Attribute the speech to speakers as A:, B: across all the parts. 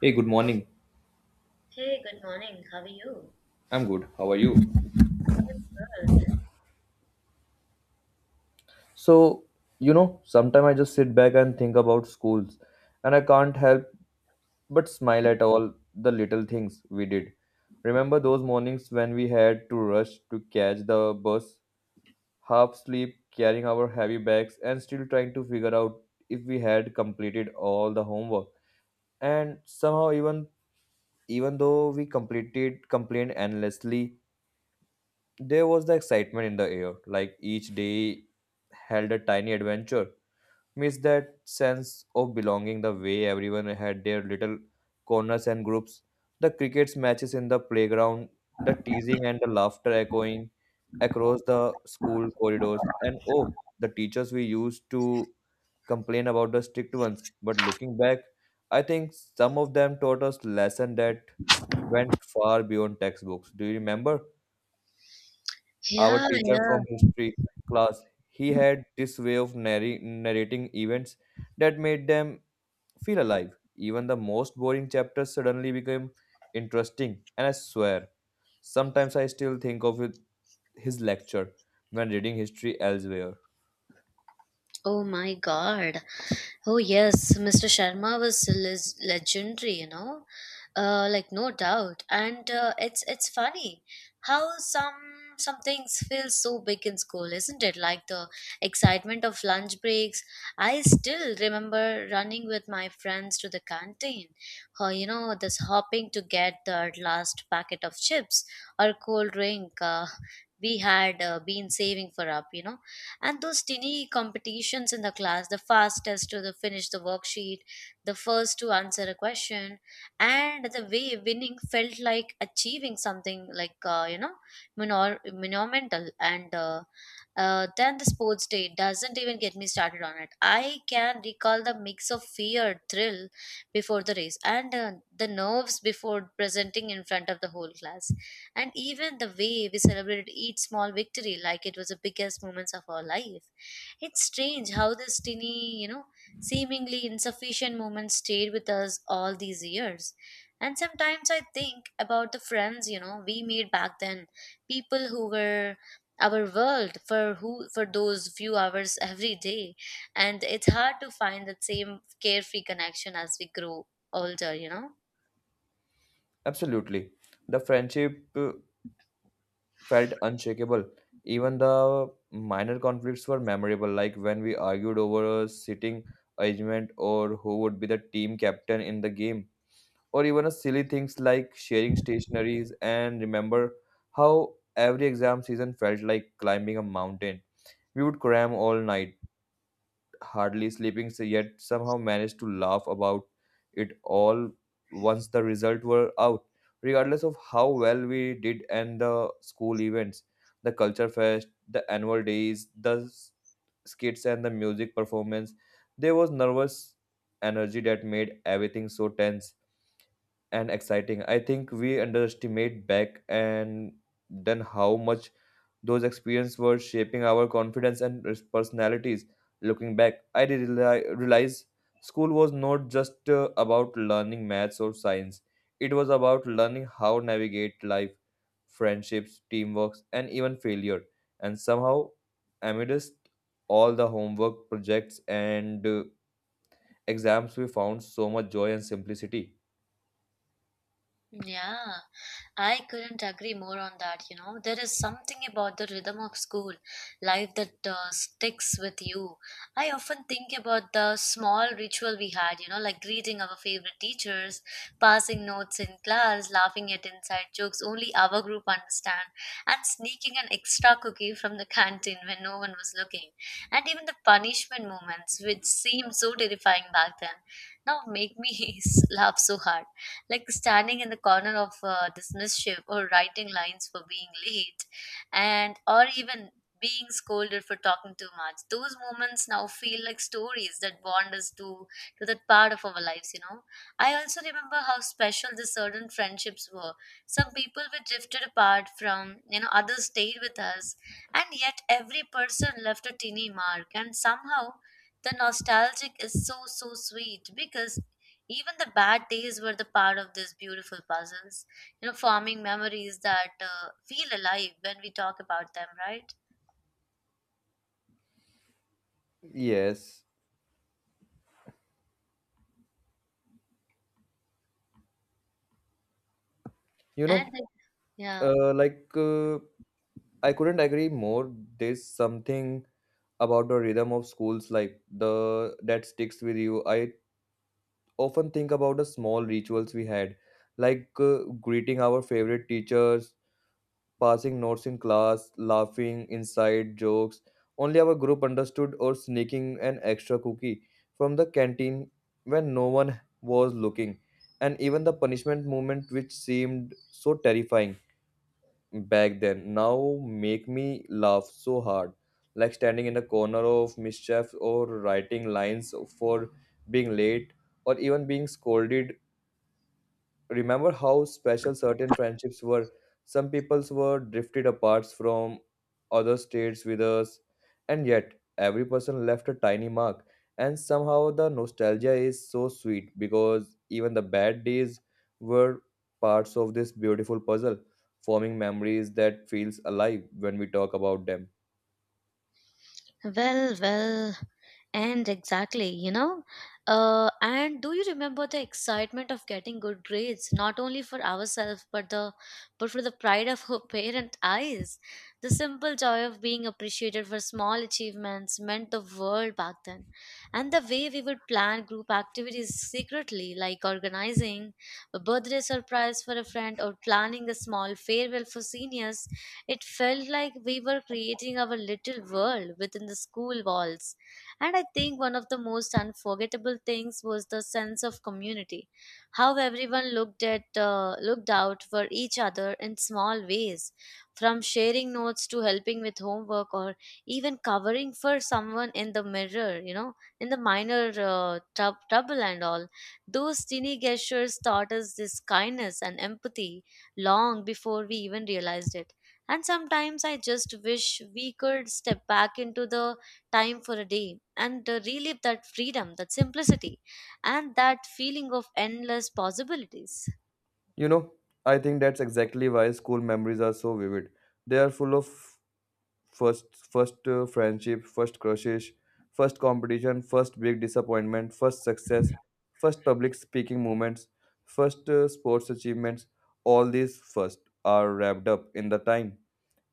A: Hey, good morning.
B: Hey, good morning. How are you?
A: I'm good. How are you?
B: Good.
A: So, sometimes I just sit back and think about schools, and I can't help but smile at all the little things we did. Remember those mornings when we had to rush to catch the bus, half asleep, carrying our heavy bags, and still trying to figure out if we had completed all the homework. And somehow, even though we completed complained endlessly. There was the excitement in the air, like each day held a tiny adventure. Miss that sense of belonging, the way everyone had their little corners and groups, the cricket's matches in the playground, the teasing and the laughter echoing across the school corridors, and oh, the teachers we used to complain about the strict ones. But looking back, I think some of them taught us lessons that went far beyond textbooks. Do you remember? Our
B: Yeah,
A: teacher
B: yeah.
A: from history class, he had this way of narrating events that made them feel alive. Even the most boring chapters suddenly became interesting, and I swear sometimes I still think of it, his lecture, when reading history elsewhere.
B: Oh my God. Oh yes, Mr. Sharma was legendary, you know, like no doubt. And It's funny how some things feel so big in school, isn't it? Like the excitement of lunch breaks. I still remember running with my friends to the canteen, or you know, this hopping to get the last packet of chips or cold drink. We had been saving for up, you know, and those tiny competitions in the class, the fastest to the finish the worksheet, the first to answer a question, and the way winning felt like achieving something like, you know, monumental. And then the sports day doesn't even get me started on it. I can recall the mix of fear, thrill before the race, and the nerves before presenting in front of the whole class, and even the way we celebrated each small victory like it was the biggest moments of our life. It's strange how this tiny, you know, seemingly insufficient moment stayed with us all these years. And sometimes I think about the friends, you know, we made back then, people who were our world for who for those few hours every day, and it's hard to find that same carefree connection as we grow older, you know.
A: Absolutely. The friendship felt unshakable, even the minor conflicts were memorable, like when we argued over a sitting arrangement or who would be the team captain in the game, or even a silly things like sharing stationaries. And remember how every exam season felt like climbing a mountain. We would cram all night, hardly sleeping, so yet somehow managed to laugh about it all once the result were out. Regardless of how well we did, and the school events, the culture fest, the annual days, the skits and the music performance, there was nervous energy that made everything so tense and exciting. I think we underestimate back and then how much those experiences were shaping our confidence and personalities. Looking back, I did realize school was not just about learning maths or science. It was about learning how navigate life, friendships, teamwork, and even failure. And somehow, amidst all the homework projects and exams, we found so much joy and simplicity.
B: Yeah, I couldn't agree more on that. You know, there is something about the rhythm of school life that sticks with you. I often think about the small ritual we had, you know, like greeting our favorite teachers, passing notes in class, laughing at inside jokes only our group understand, and sneaking an extra cookie from the canteen when no one was looking. And even the punishment moments, which seemed so terrifying back then, now make me laugh so hard, like standing in the corner of this mischief, or writing lines for being late, and or even being scolded for talking too much. Those moments now feel like stories that bond us to that part of our lives, you know. I also remember how special the certain friendships were. Some people were drifted apart from, you know, others stayed with us, and yet every person left a teeny mark. And somehow the nostalgic is so sweet, because even the bad days were the part of these beautiful puzzles, you know, forming memories that feel alive when we talk about them, right?
A: Yes. You
B: And
A: know,
B: the- yeah.
A: uh, like uh, I couldn't agree more. There's something about the rhythm of schools like the that sticks with you. I often think about the small rituals we had, like greeting our favorite teachers, passing notes in class, laughing inside jokes only our group understood, or sneaking an extra cookie from the canteen when no one was looking, and even the punishment moment, which seemed so terrifying back then now make me laugh so hard, like standing in the corner of mischief or writing lines for being late or even being scolded. Remember how special certain friendships were. Some peoples were drifted apart from other states with us, and yet every person left a tiny mark. And somehow the nostalgia is so sweet because even the bad days were parts of this beautiful puzzle, forming memories that feels alive when we talk about them.
B: Well, well, and exactly, you know. And do you remember the excitement of getting good grades, not only for ourselves, but for the pride of our parent eyes? The simple joy of being appreciated for small achievements meant the world back then. And the way we would plan group activities secretly, like organizing a birthday surprise for a friend, or planning a small farewell for seniors, it felt like we were creating our little world within the school walls. And I think one of the most unforgettable things was the sense of community. How everyone looked out for each other in small ways, from sharing notes to helping with homework, or even covering for someone in the mirror, you know, in the minor trouble and all. Those teeny gestures taught us this kindness and empathy long before we even realized it. And sometimes I just wish we could step back into the time for a day and relive that freedom, that simplicity, and that feeling of endless possibilities.
A: You know, I think that's exactly why school memories are so vivid. They are full of first first friendship, first crushes, first competition, first big disappointment, first success, first public speaking moments, first sports achievements. All these first are wrapped up in the time,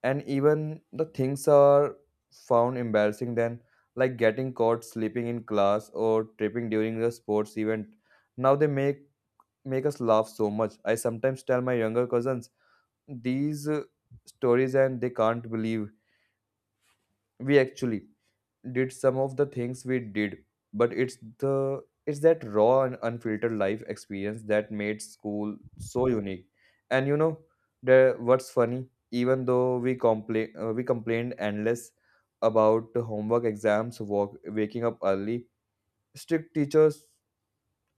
A: and even the things are found embarrassing then, like getting caught sleeping in class or tripping during the sports event, now they make us laugh so much. I sometimes tell my younger cousins these stories and they can't believe we actually did some of the things we did. But it's the it's that raw and unfiltered life experience that made school so unique. And you know, the what's funny, even though we complained endless about the homework, exams, waking up early, strict teachers,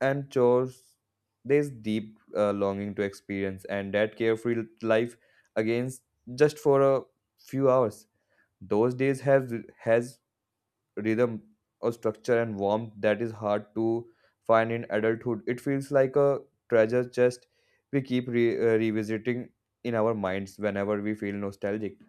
A: and chores, there's deep longing to experience and that carefree life against, just for a few hours. Those days have has rhythm or structure and warmth that is hard to find in adulthood. It feels like a treasure chest we keep revisiting in our minds whenever we feel nostalgic.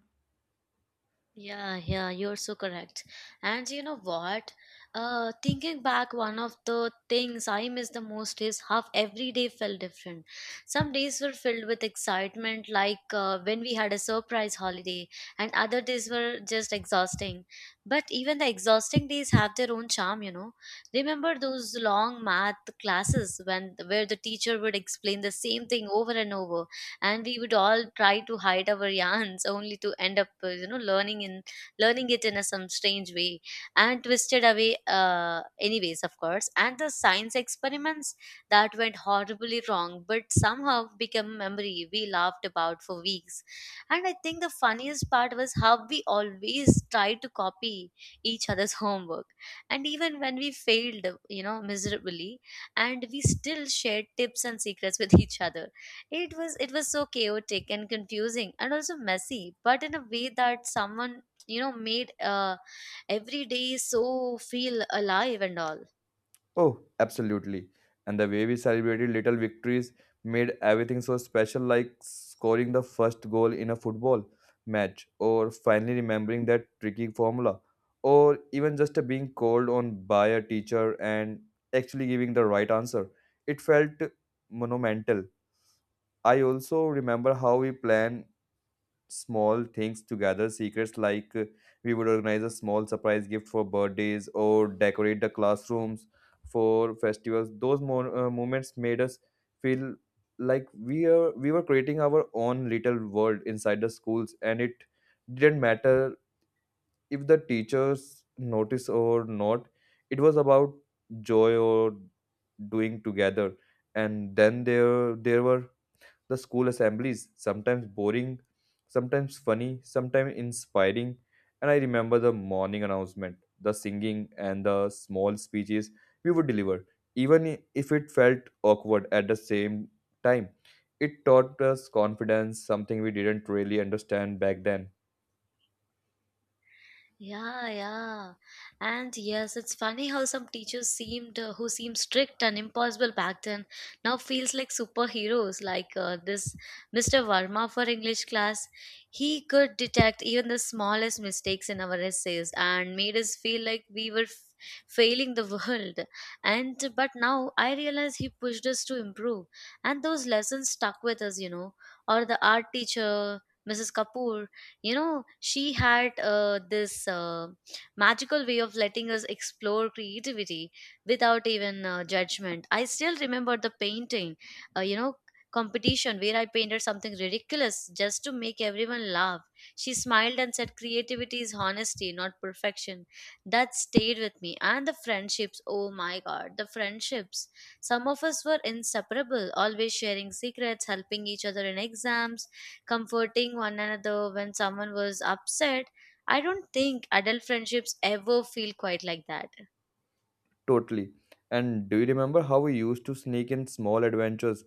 B: Yeah, yeah, you're so correct. And you know what? Thinking back, one of the things I miss the most is how every day felt different. Some days were filled with excitement, like when we had a surprise holiday, and other days were just exhausting. But even the exhausting days have their own charm, you know. Remember those long math classes when where the teacher would explain the same thing over and over, and we would all try to hide our yarns only to end up you know, learning it in a, some strange way and twisted away, anyways, of course. And the science experiments that went horribly wrong but somehow become memory we laughed about for weeks. And I think the funniest part was how we always tried to copy each other's homework, and even when we failed, you know, miserably, and we still shared tips and secrets with each other. It was so chaotic and confusing and also messy, but in a way that someone, you know, made every day so feel alive and all.
A: Oh, absolutely. And the way we celebrated little victories made everything so special, like scoring the first goal in a football match, or finally remembering that tricky formula, or even just being called on by a teacher and actually giving the right answer. It felt monumental. I also remember how we planned small things together secrets, like we would organize a small surprise gift for birthdays or decorate the classrooms for festivals. Those moments made us feel like we were creating our own little world inside the schools, and it didn't matter if the teachers noticed or not. It was about joy or doing together. And then there were the school assemblies, sometimes boring, sometimes funny, sometimes inspiring. And I remember the morning announcement, the singing, and the small speeches we would deliver, even if it felt awkward at the same time. It taught us confidence, something we didn't really understand back then.
B: Yeah, yeah. And yes, it's funny how some teachers seemed who seemed strict and impossible back then now feels like superheroes, like this Mr. Verma for English class. He could detect even the smallest mistakes in our essays and made us feel like we were failing the world. And but now I realize he pushed us to improve, and those lessons stuck with us, you know. Or the art teacher, Mrs. Kapoor, you know, she had this magical way of letting us explore creativity without even judgment. I still remember the painting you know, competition where I painted something ridiculous just to make everyone laugh. She smiled and said, creativity is honesty, not perfection. That stayed with me. And the friendships, oh my God, the friendships. Some of us were inseparable, always sharing secrets, helping each other in exams, comforting one another when someone was upset. I don't think adult friendships ever feel quite like that.
A: Totally. And do you remember how we used to sneak in small adventures,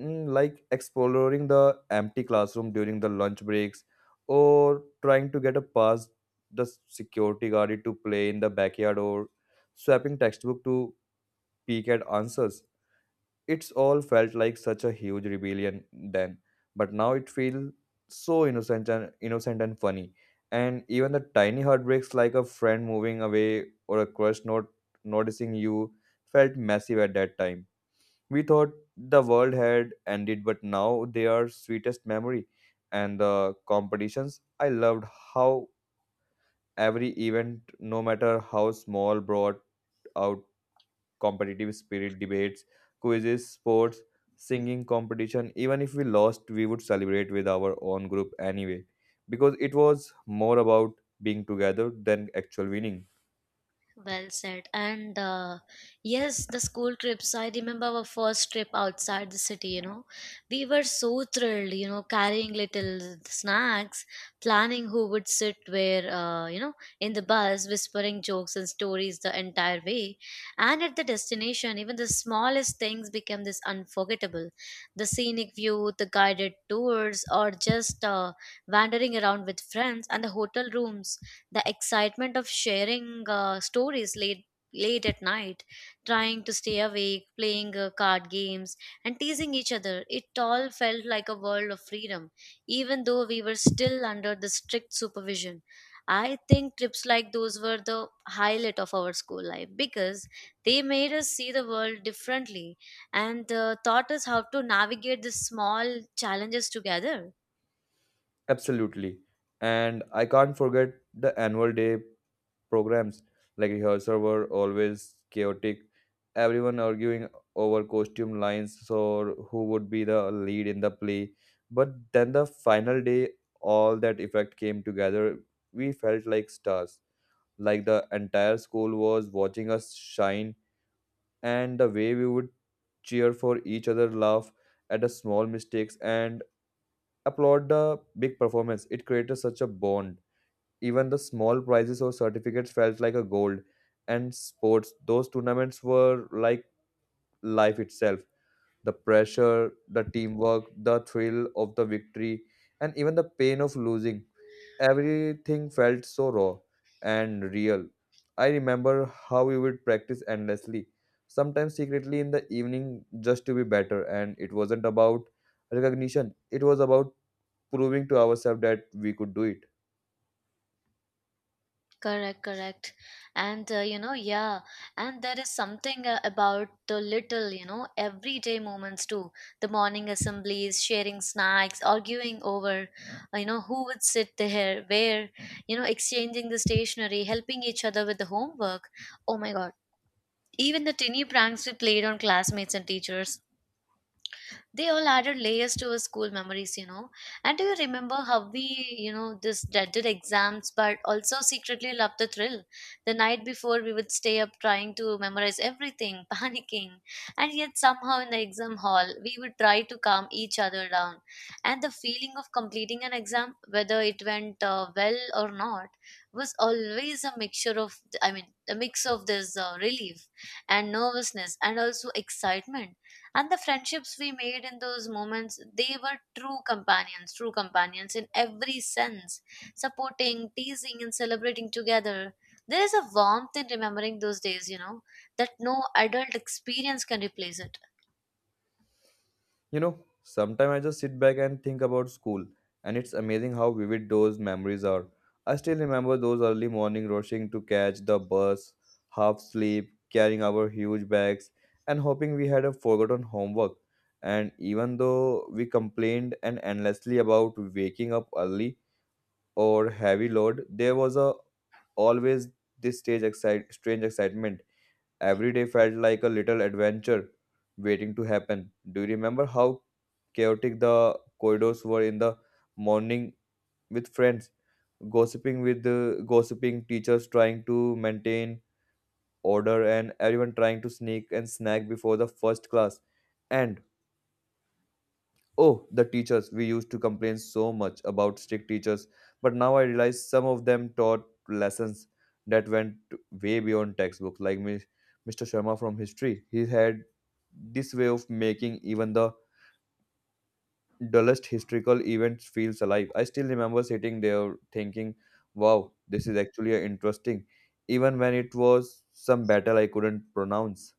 A: like exploring the empty classroom during the lunch breaks, or trying to get a pass the security guard to play in the backyard, or swapping textbook to peek at answers. It's all felt like such a huge rebellion then, but now it feels so innocent and funny. And even the tiny heartbreaks, like a friend moving away or a crush not noticing you, felt massive at that time. We thought the world had ended, but now they are sweetest memory. And the competitions, I loved how every event, no matter how small, brought out competitive spirit, debates, quizzes, sports, singing competition. Even if we lost, we would celebrate with our own group anyway, because it was more about being together than actual winning.
B: Well said. And yes, the school trips. I remember our first trip outside the city, you know. We were so thrilled, you know, carrying little snacks, planning who would sit where, you know, in the bus, whispering jokes and stories the entire way. And at the destination, even the smallest things became this unforgettable. The scenic view, the guided tours, or just wandering around with friends, and the hotel rooms, the excitement of sharing stories late at night, trying to stay awake, playing card games and teasing each other. It all felt like a world of freedom, even though we were still under the strict supervision. I think trips like those were the highlight of our school life, because they made us see the world differently, and taught us how to navigate the small challenges together.
A: Absolutely. And I can't forget the annual day programs. Like rehearsal were always chaotic. Everyone arguing over costume lines or who would be the lead in the play. But then the final day, all that effect came together. We felt like stars, like the entire school was watching us shine, and the way we would cheer for each other, laugh at the small mistakes, and applaud the big performance. It created such a bond. Even the small prizes or certificates felt like a gold. And sports, those tournaments were like life itself. The pressure, the teamwork, the thrill of the victory, and even the pain of losing. Everything felt so raw and real. I remember how we would practice endlessly, sometimes secretly in the evening just to be better. And it wasn't about recognition, it was about proving to ourselves that we could do it.
B: Correct, correct. And you know, yeah, and there is something about the little, you know, everyday moments too. The morning assemblies, sharing snacks, arguing over, you know, who would sit there, where, you know, exchanging the stationery, helping each other with the homework. Oh my God. Even the tiny pranks we played on classmates and teachers. They all added layers to our school memories, you know. And do you remember how we, you know, this dreaded exams but also secretly loved the thrill? The night before, we would stay up trying to memorize everything, panicking. And yet, somehow, in the exam hall, we would try to calm each other down. And the feeling of completing an exam, whether it went well or not, was always a mixture of, I mean, a mix of this relief and nervousness and also excitement. And the friendships we made in those moments, they were true companions, true companions in every sense, supporting, teasing, and celebrating together. There is a warmth in remembering those days, you know, that no adult experience can replace it.
A: You know, sometimes I just sit back and think about school, and it's amazing how vivid those memories are. I still remember those early morning rushing to catch the bus, half asleep, carrying our huge bags, and hoping we had a forgotten homework. And even though we complained and endlessly about waking up early or heavy load, there was a always strange excitement. Every day felt like a little adventure waiting to happen. Do you remember how chaotic the corridors were in the morning, with friends, gossiping with the gossiping teachers trying to maintain order, and everyone trying to sneak and snack before the first class? And oh, the teachers, we used to complain so much about strict teachers, but now I realize some of them taught lessons that went way beyond textbooks, like Ms. Mr. Sharma from history. He had this way of making even the dullest historical events feels alive. I still remember sitting there thinking, wow, this is actually interesting, even when it was some battle I couldn't pronounce.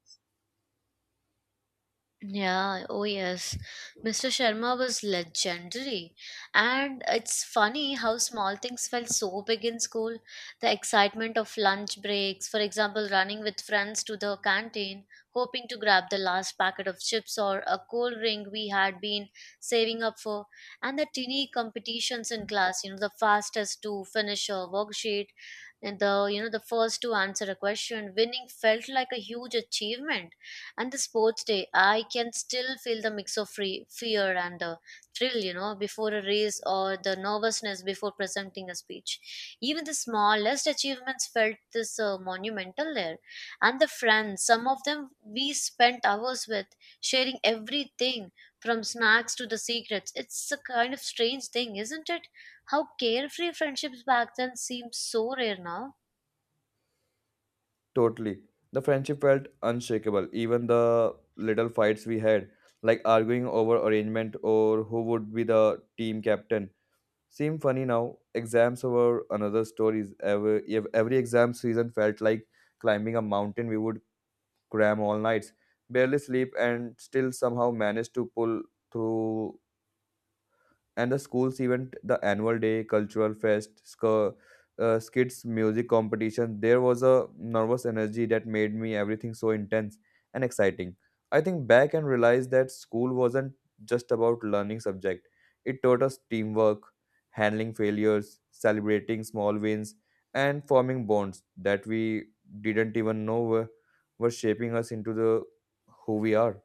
B: Yeah, oh yes. Mr. Sharma was legendary. And it's funny how small things felt so big in school. The excitement of lunch breaks, for example, running with friends to the canteen, hoping to grab the last packet of chips or a cold drink we had been saving up for, and the teeny competitions in class, you know, the fastest to finish a worksheet, and the, you know, the first to answer a question, winning felt like a huge achievement. And the sports day, I can still feel the mix of fear and thrill, you know, before a race, or the nervousness before presenting a speech. Even the smallest achievements felt this monumental there. And the friends, some of them we spent hours with, sharing everything from snacks to the secrets. It's a kind of strange thing, isn't it, how carefree friendships back then seem so rare now.
A: Totally. The friendship felt unshakable, even the little fights we had, like arguing over arrangement or who would be the team captain. Seem funny now. Exams were another stories. Every exam season felt like climbing a mountain. We would cram all nights, barely sleep, and still somehow manage to pull through. And the school's event, the annual day, cultural fest, skits, music competition, there was a nervous energy that made me everything so intense and exciting. I think back and realized that school wasn't just about learning subject. It taught us teamwork, handling failures, celebrating small wins, and forming bonds that we didn't even were shaping us into the who we are.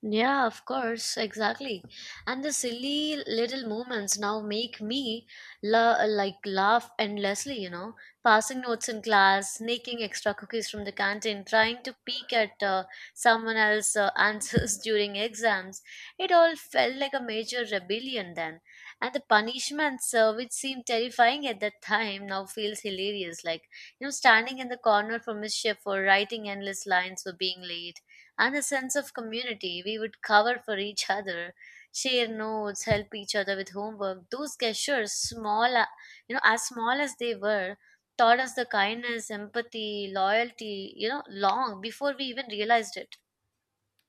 B: Yeah, of course, exactly. And the silly little moments now make me like laugh endlessly, you know. Passing notes in class, sneaking extra cookies from the canteen, trying to peek at someone else's answers during exams. It all felt like a major rebellion then. And the punishments, which seemed terrifying at that time, now feels hilarious. Like, you know, standing in the corner for mischief, for writing endless lines, for being late and a sense of community. We would cover for each other, share notes, help each other with homework. Those gestures, small, as small as they were, taught us the kindness, empathy, loyalty, you know, long before we even realized it.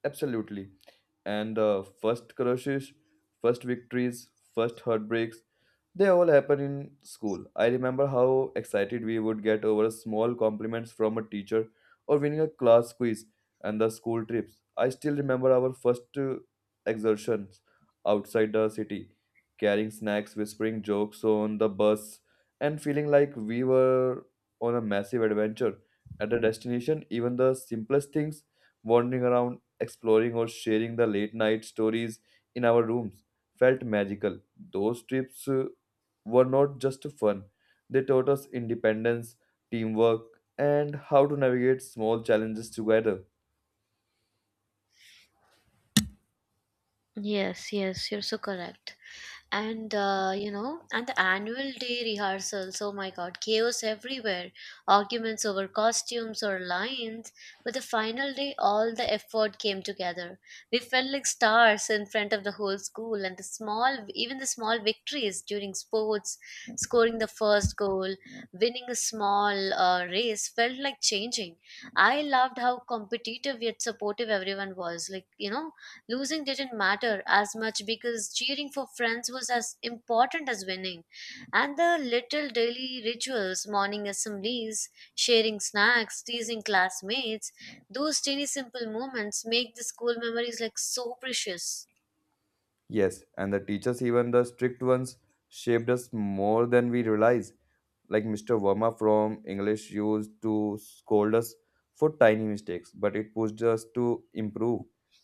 A: Absolutely. And first crushes, first victories, first heartbreaks, they all happen in school. I remember how excited we would get over small compliments from a teacher or winning a class quiz. And the school trips, I still remember our first exertions outside the city, carrying snacks, whispering jokes on the bus, and feeling like we were on a massive adventure. At the destination, even the simplest things, wandering around, exploring, or sharing the late night stories in our rooms, felt magical. Those trips were not just fun, they taught us independence, teamwork, and how to navigate small challenges together.
B: Yes, yes, you're so correct. And the annual day rehearsals, oh my god, chaos everywhere, arguments over costumes or lines. But the final day, all the effort came together. We felt like stars in front of the whole school, and the small, even the small victories during sports, scoring the first goal, winning a small race, felt like changing. I loved how competitive yet supportive everyone was. Like, you know, losing didn't matter as much because cheering for friends was as important as winning. And the little daily rituals, morning assemblies, sharing snacks, teasing classmates, those tiny simple moments make the school memories like so precious.
A: Yes, and the teachers, even the strict ones, shaped us more than we realize. Like Mr. Verma from English used to scold us for tiny mistakes, but it pushed us to improve.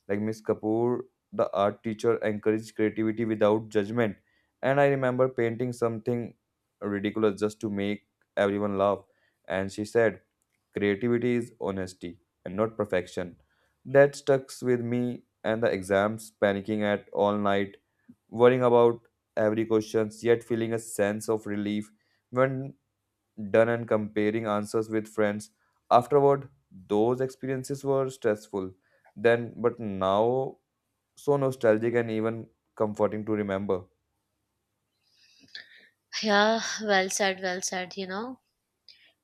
A: Like Miss Kapoor, the art teacher, encouraged creativity without judgment. And I remember painting something ridiculous just to make everyone laugh. And she said, creativity is honesty and not perfection. That stuck with me and the exams, panicking at all night, worrying about every question, yet feeling a sense of relief when done and comparing answers with friends. Afterward, those experiences were stressful then, but now so nostalgic and even comforting to remember.
B: Yeah, well said, you know.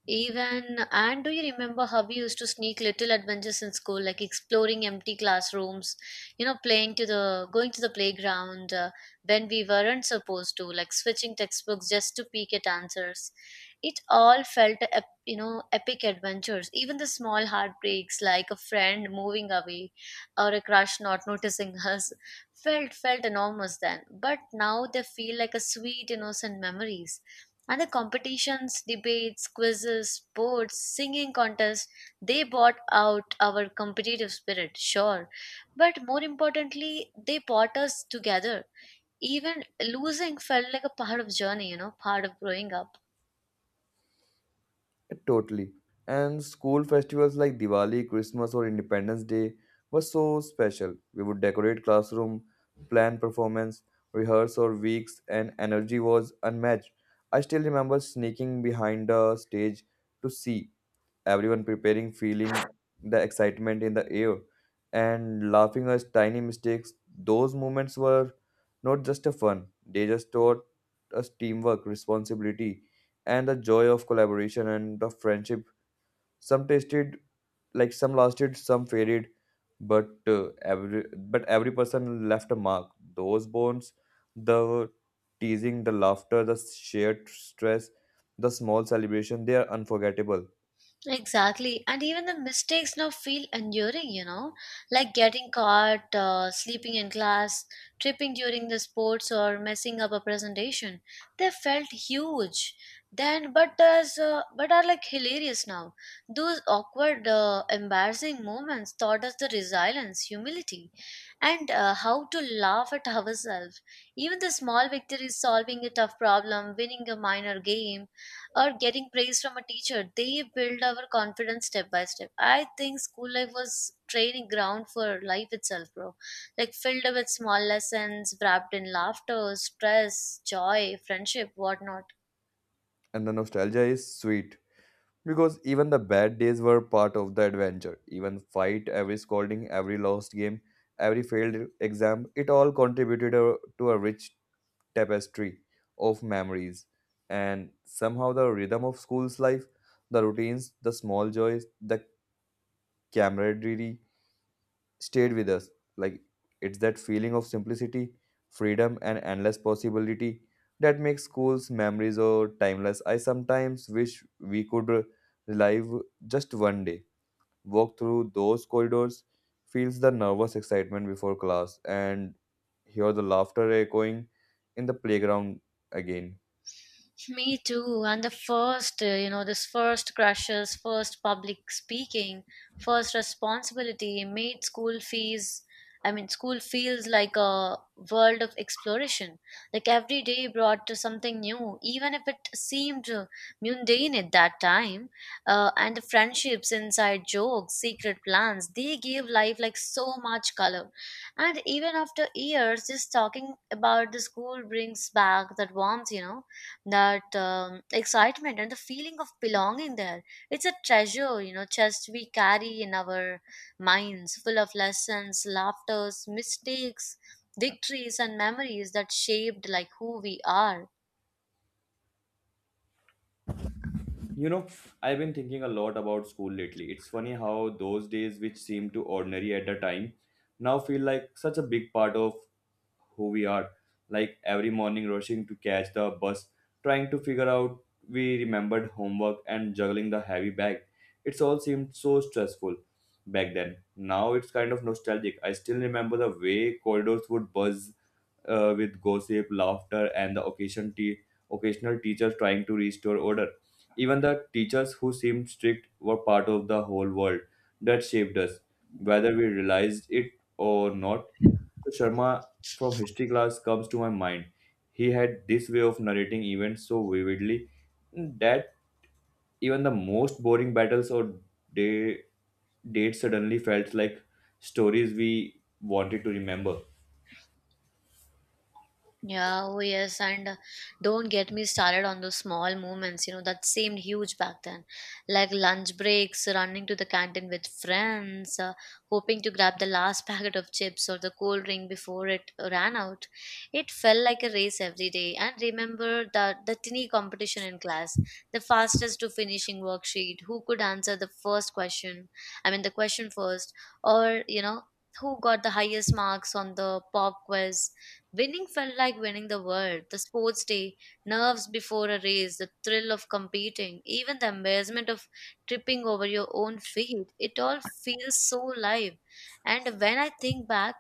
B: Even and do you remember how we used to sneak little adventures in school, like exploring empty classrooms, you know, playing to the going to the playground when we weren't supposed to, like switching textbooks just to peek at answers. It all felt you know epic adventures. Even the small heartbreaks, like a friend moving away or a crush not noticing us, felt enormous then. But now they feel like a sweet innocent memories and the competitions, debates, quizzes, sports, singing contests, they brought out our competitive spirit, sure. But more importantly, they brought us together. Even losing felt like a part of journey, you know, part of growing up.
A: Totally. And school festivals like Diwali, Christmas, or Independence Day were so special. We would decorate classroom, plan performance, rehearse for weeks, and energy was unmatched. I still remember sneaking behind the stage to see everyone preparing, feeling the excitement in the air and laughing at tiny mistakes. Those moments were not just a fun, they just taught us teamwork, responsibility, and the joy of collaboration and the friendship. Some tasted like some lasted, some faded, but every person left a mark. Those bonds, the teasing, the laughter, the shared stress, the small celebration, they are unforgettable,
B: Exactly. And even the mistakes now feel enduring, you know, like getting caught, sleeping in class, tripping during the sports, or messing up a presentation. They felt huge then, but are like hilarious now. Those awkward, embarrassing moments taught us the resilience, humility, and how to laugh at ourselves. Even the small victories, solving a tough problem, winning a minor game or getting praise from a teacher. They build our confidence step by step. I think school life was training ground for life itself, bro. Like filled with small lessons, wrapped in laughter, stress, joy, friendship, whatnot.
A: and the nostalgia is sweet because even the bad days were part of the adventure. Even fight, every scolding, every lost game, every failed exam, it all contributed to a rich tapestry of memories. And somehow the rhythm of school's life, the routines, the small joys, the camaraderie, stayed with us. Like it's that feeling of simplicity, freedom, and endless possibility that makes schools memories or timeless. I sometimes wish we could relive just one day, walk through those corridors, feels the nervous excitement before class, and hear the laughter echoing in the playground again.
B: Me too. And the first, you know, this first crushes, first public speaking, first responsibility made school fees. I mean, school feels like a world of exploration. Like every day brought to something new, even if it seemed mundane at that time. And the friendships, inside jokes, secret plans, they gave life like so much color. And even after years, just talking about the school brings back that warmth, you know that excitement and the feeling of belonging there, it's a treasure, you know, chest we carry in our minds, full of lessons, laughters, mistakes, victories, and memories that shaped like who we are.
A: You know, I've been thinking a lot about school lately. It's funny how those days, which seemed too ordinary at the time, now feel like such a big part of who we are. Like every morning rushing to catch the bus, trying to figure out we remembered homework and juggling the heavy bag, it's all seemed so stressful back then. Now it's kind of nostalgic. I still remember the way corridors would buzz with gossip, laughter, and the occasional teachers trying to restore order. Even the teachers who seemed strict were part of the whole world that shaped us, whether we realized it or not. So Sharma from history class comes to my mind. He had this way of narrating events so vividly that even the most boring battles or day dates suddenly felt like stories we wanted to remember.
B: Yeah, oh yes, and don't get me started on those small moments, you know, that seemed huge back then. Like lunch breaks, running to the canteen with friends, hoping to grab the last packet of chips or the cold drink before it ran out. It felt like a race every day. And remember the tiny competition in class, the fastest to finishing worksheet, who could answer the first question, I mean, the question first, or, you know, who got the highest marks on the pop quiz. Winning felt like winning the world, the sports day, nerves before a race, the thrill of competing, even the embarrassment of tripping over your own feet. It all feels so live. And when I think back,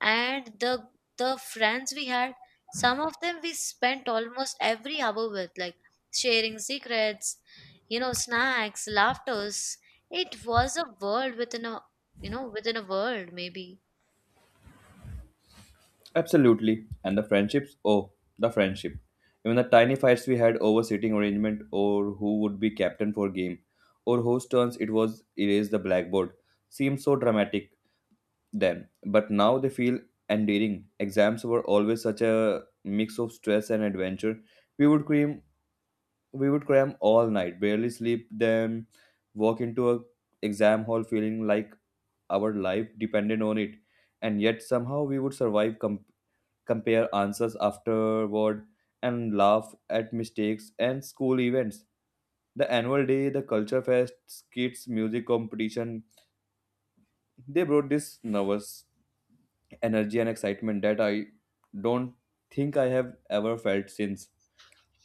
B: and the friends we had, some of them we spent almost every hour with, like sharing secrets, you know, snacks, laughters. It was a world within a you know within a world maybe.
A: Absolutely. And the friendships? Oh, the friendship. Even the tiny fights we had over seating arrangement or who would be captain for game or whose turns it was erase the blackboard seemed so dramatic then. But now they feel endearing. Exams were always such a mix of stress and adventure. We would cram we would cram all night, barely sleep, then walk into a exam hall feeling like our life depended on it. And yet somehow we would survive, compare answers afterward, and laugh at mistakes and school events. The annual day, the culture fest, kids, music competition, they brought this nervous energy and excitement that I don't think I have ever felt since.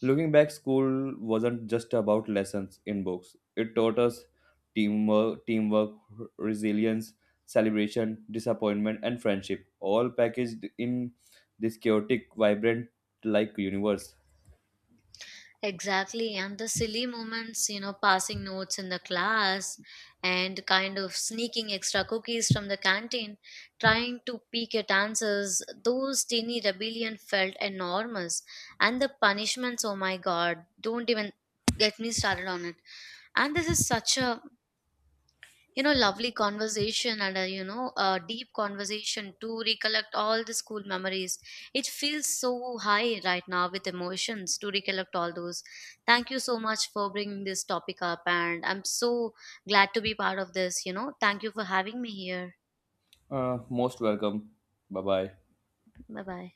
A: Looking back, school wasn't just about lessons in books. It taught us teamwork, resilience, celebration, disappointment, and friendship, all packaged in this chaotic, vibrant, like universe.
B: Exactly, and the silly moments, you know, passing notes in the class and kind of sneaking extra cookies from the canteen, trying to peek at answers, those teeny rebellion felt enormous. And the punishments, oh my god, don't even get me started on it. And this is such a, you know, lovely conversation and a, you know, a deep conversation to recollect all the school memories. It feels so high right now with emotions to recollect all those. Thank you so much for bringing this topic up, and I'm so glad to be part of this, you know. Thank you for having me here.
A: Most welcome. Bye bye.
B: Bye bye.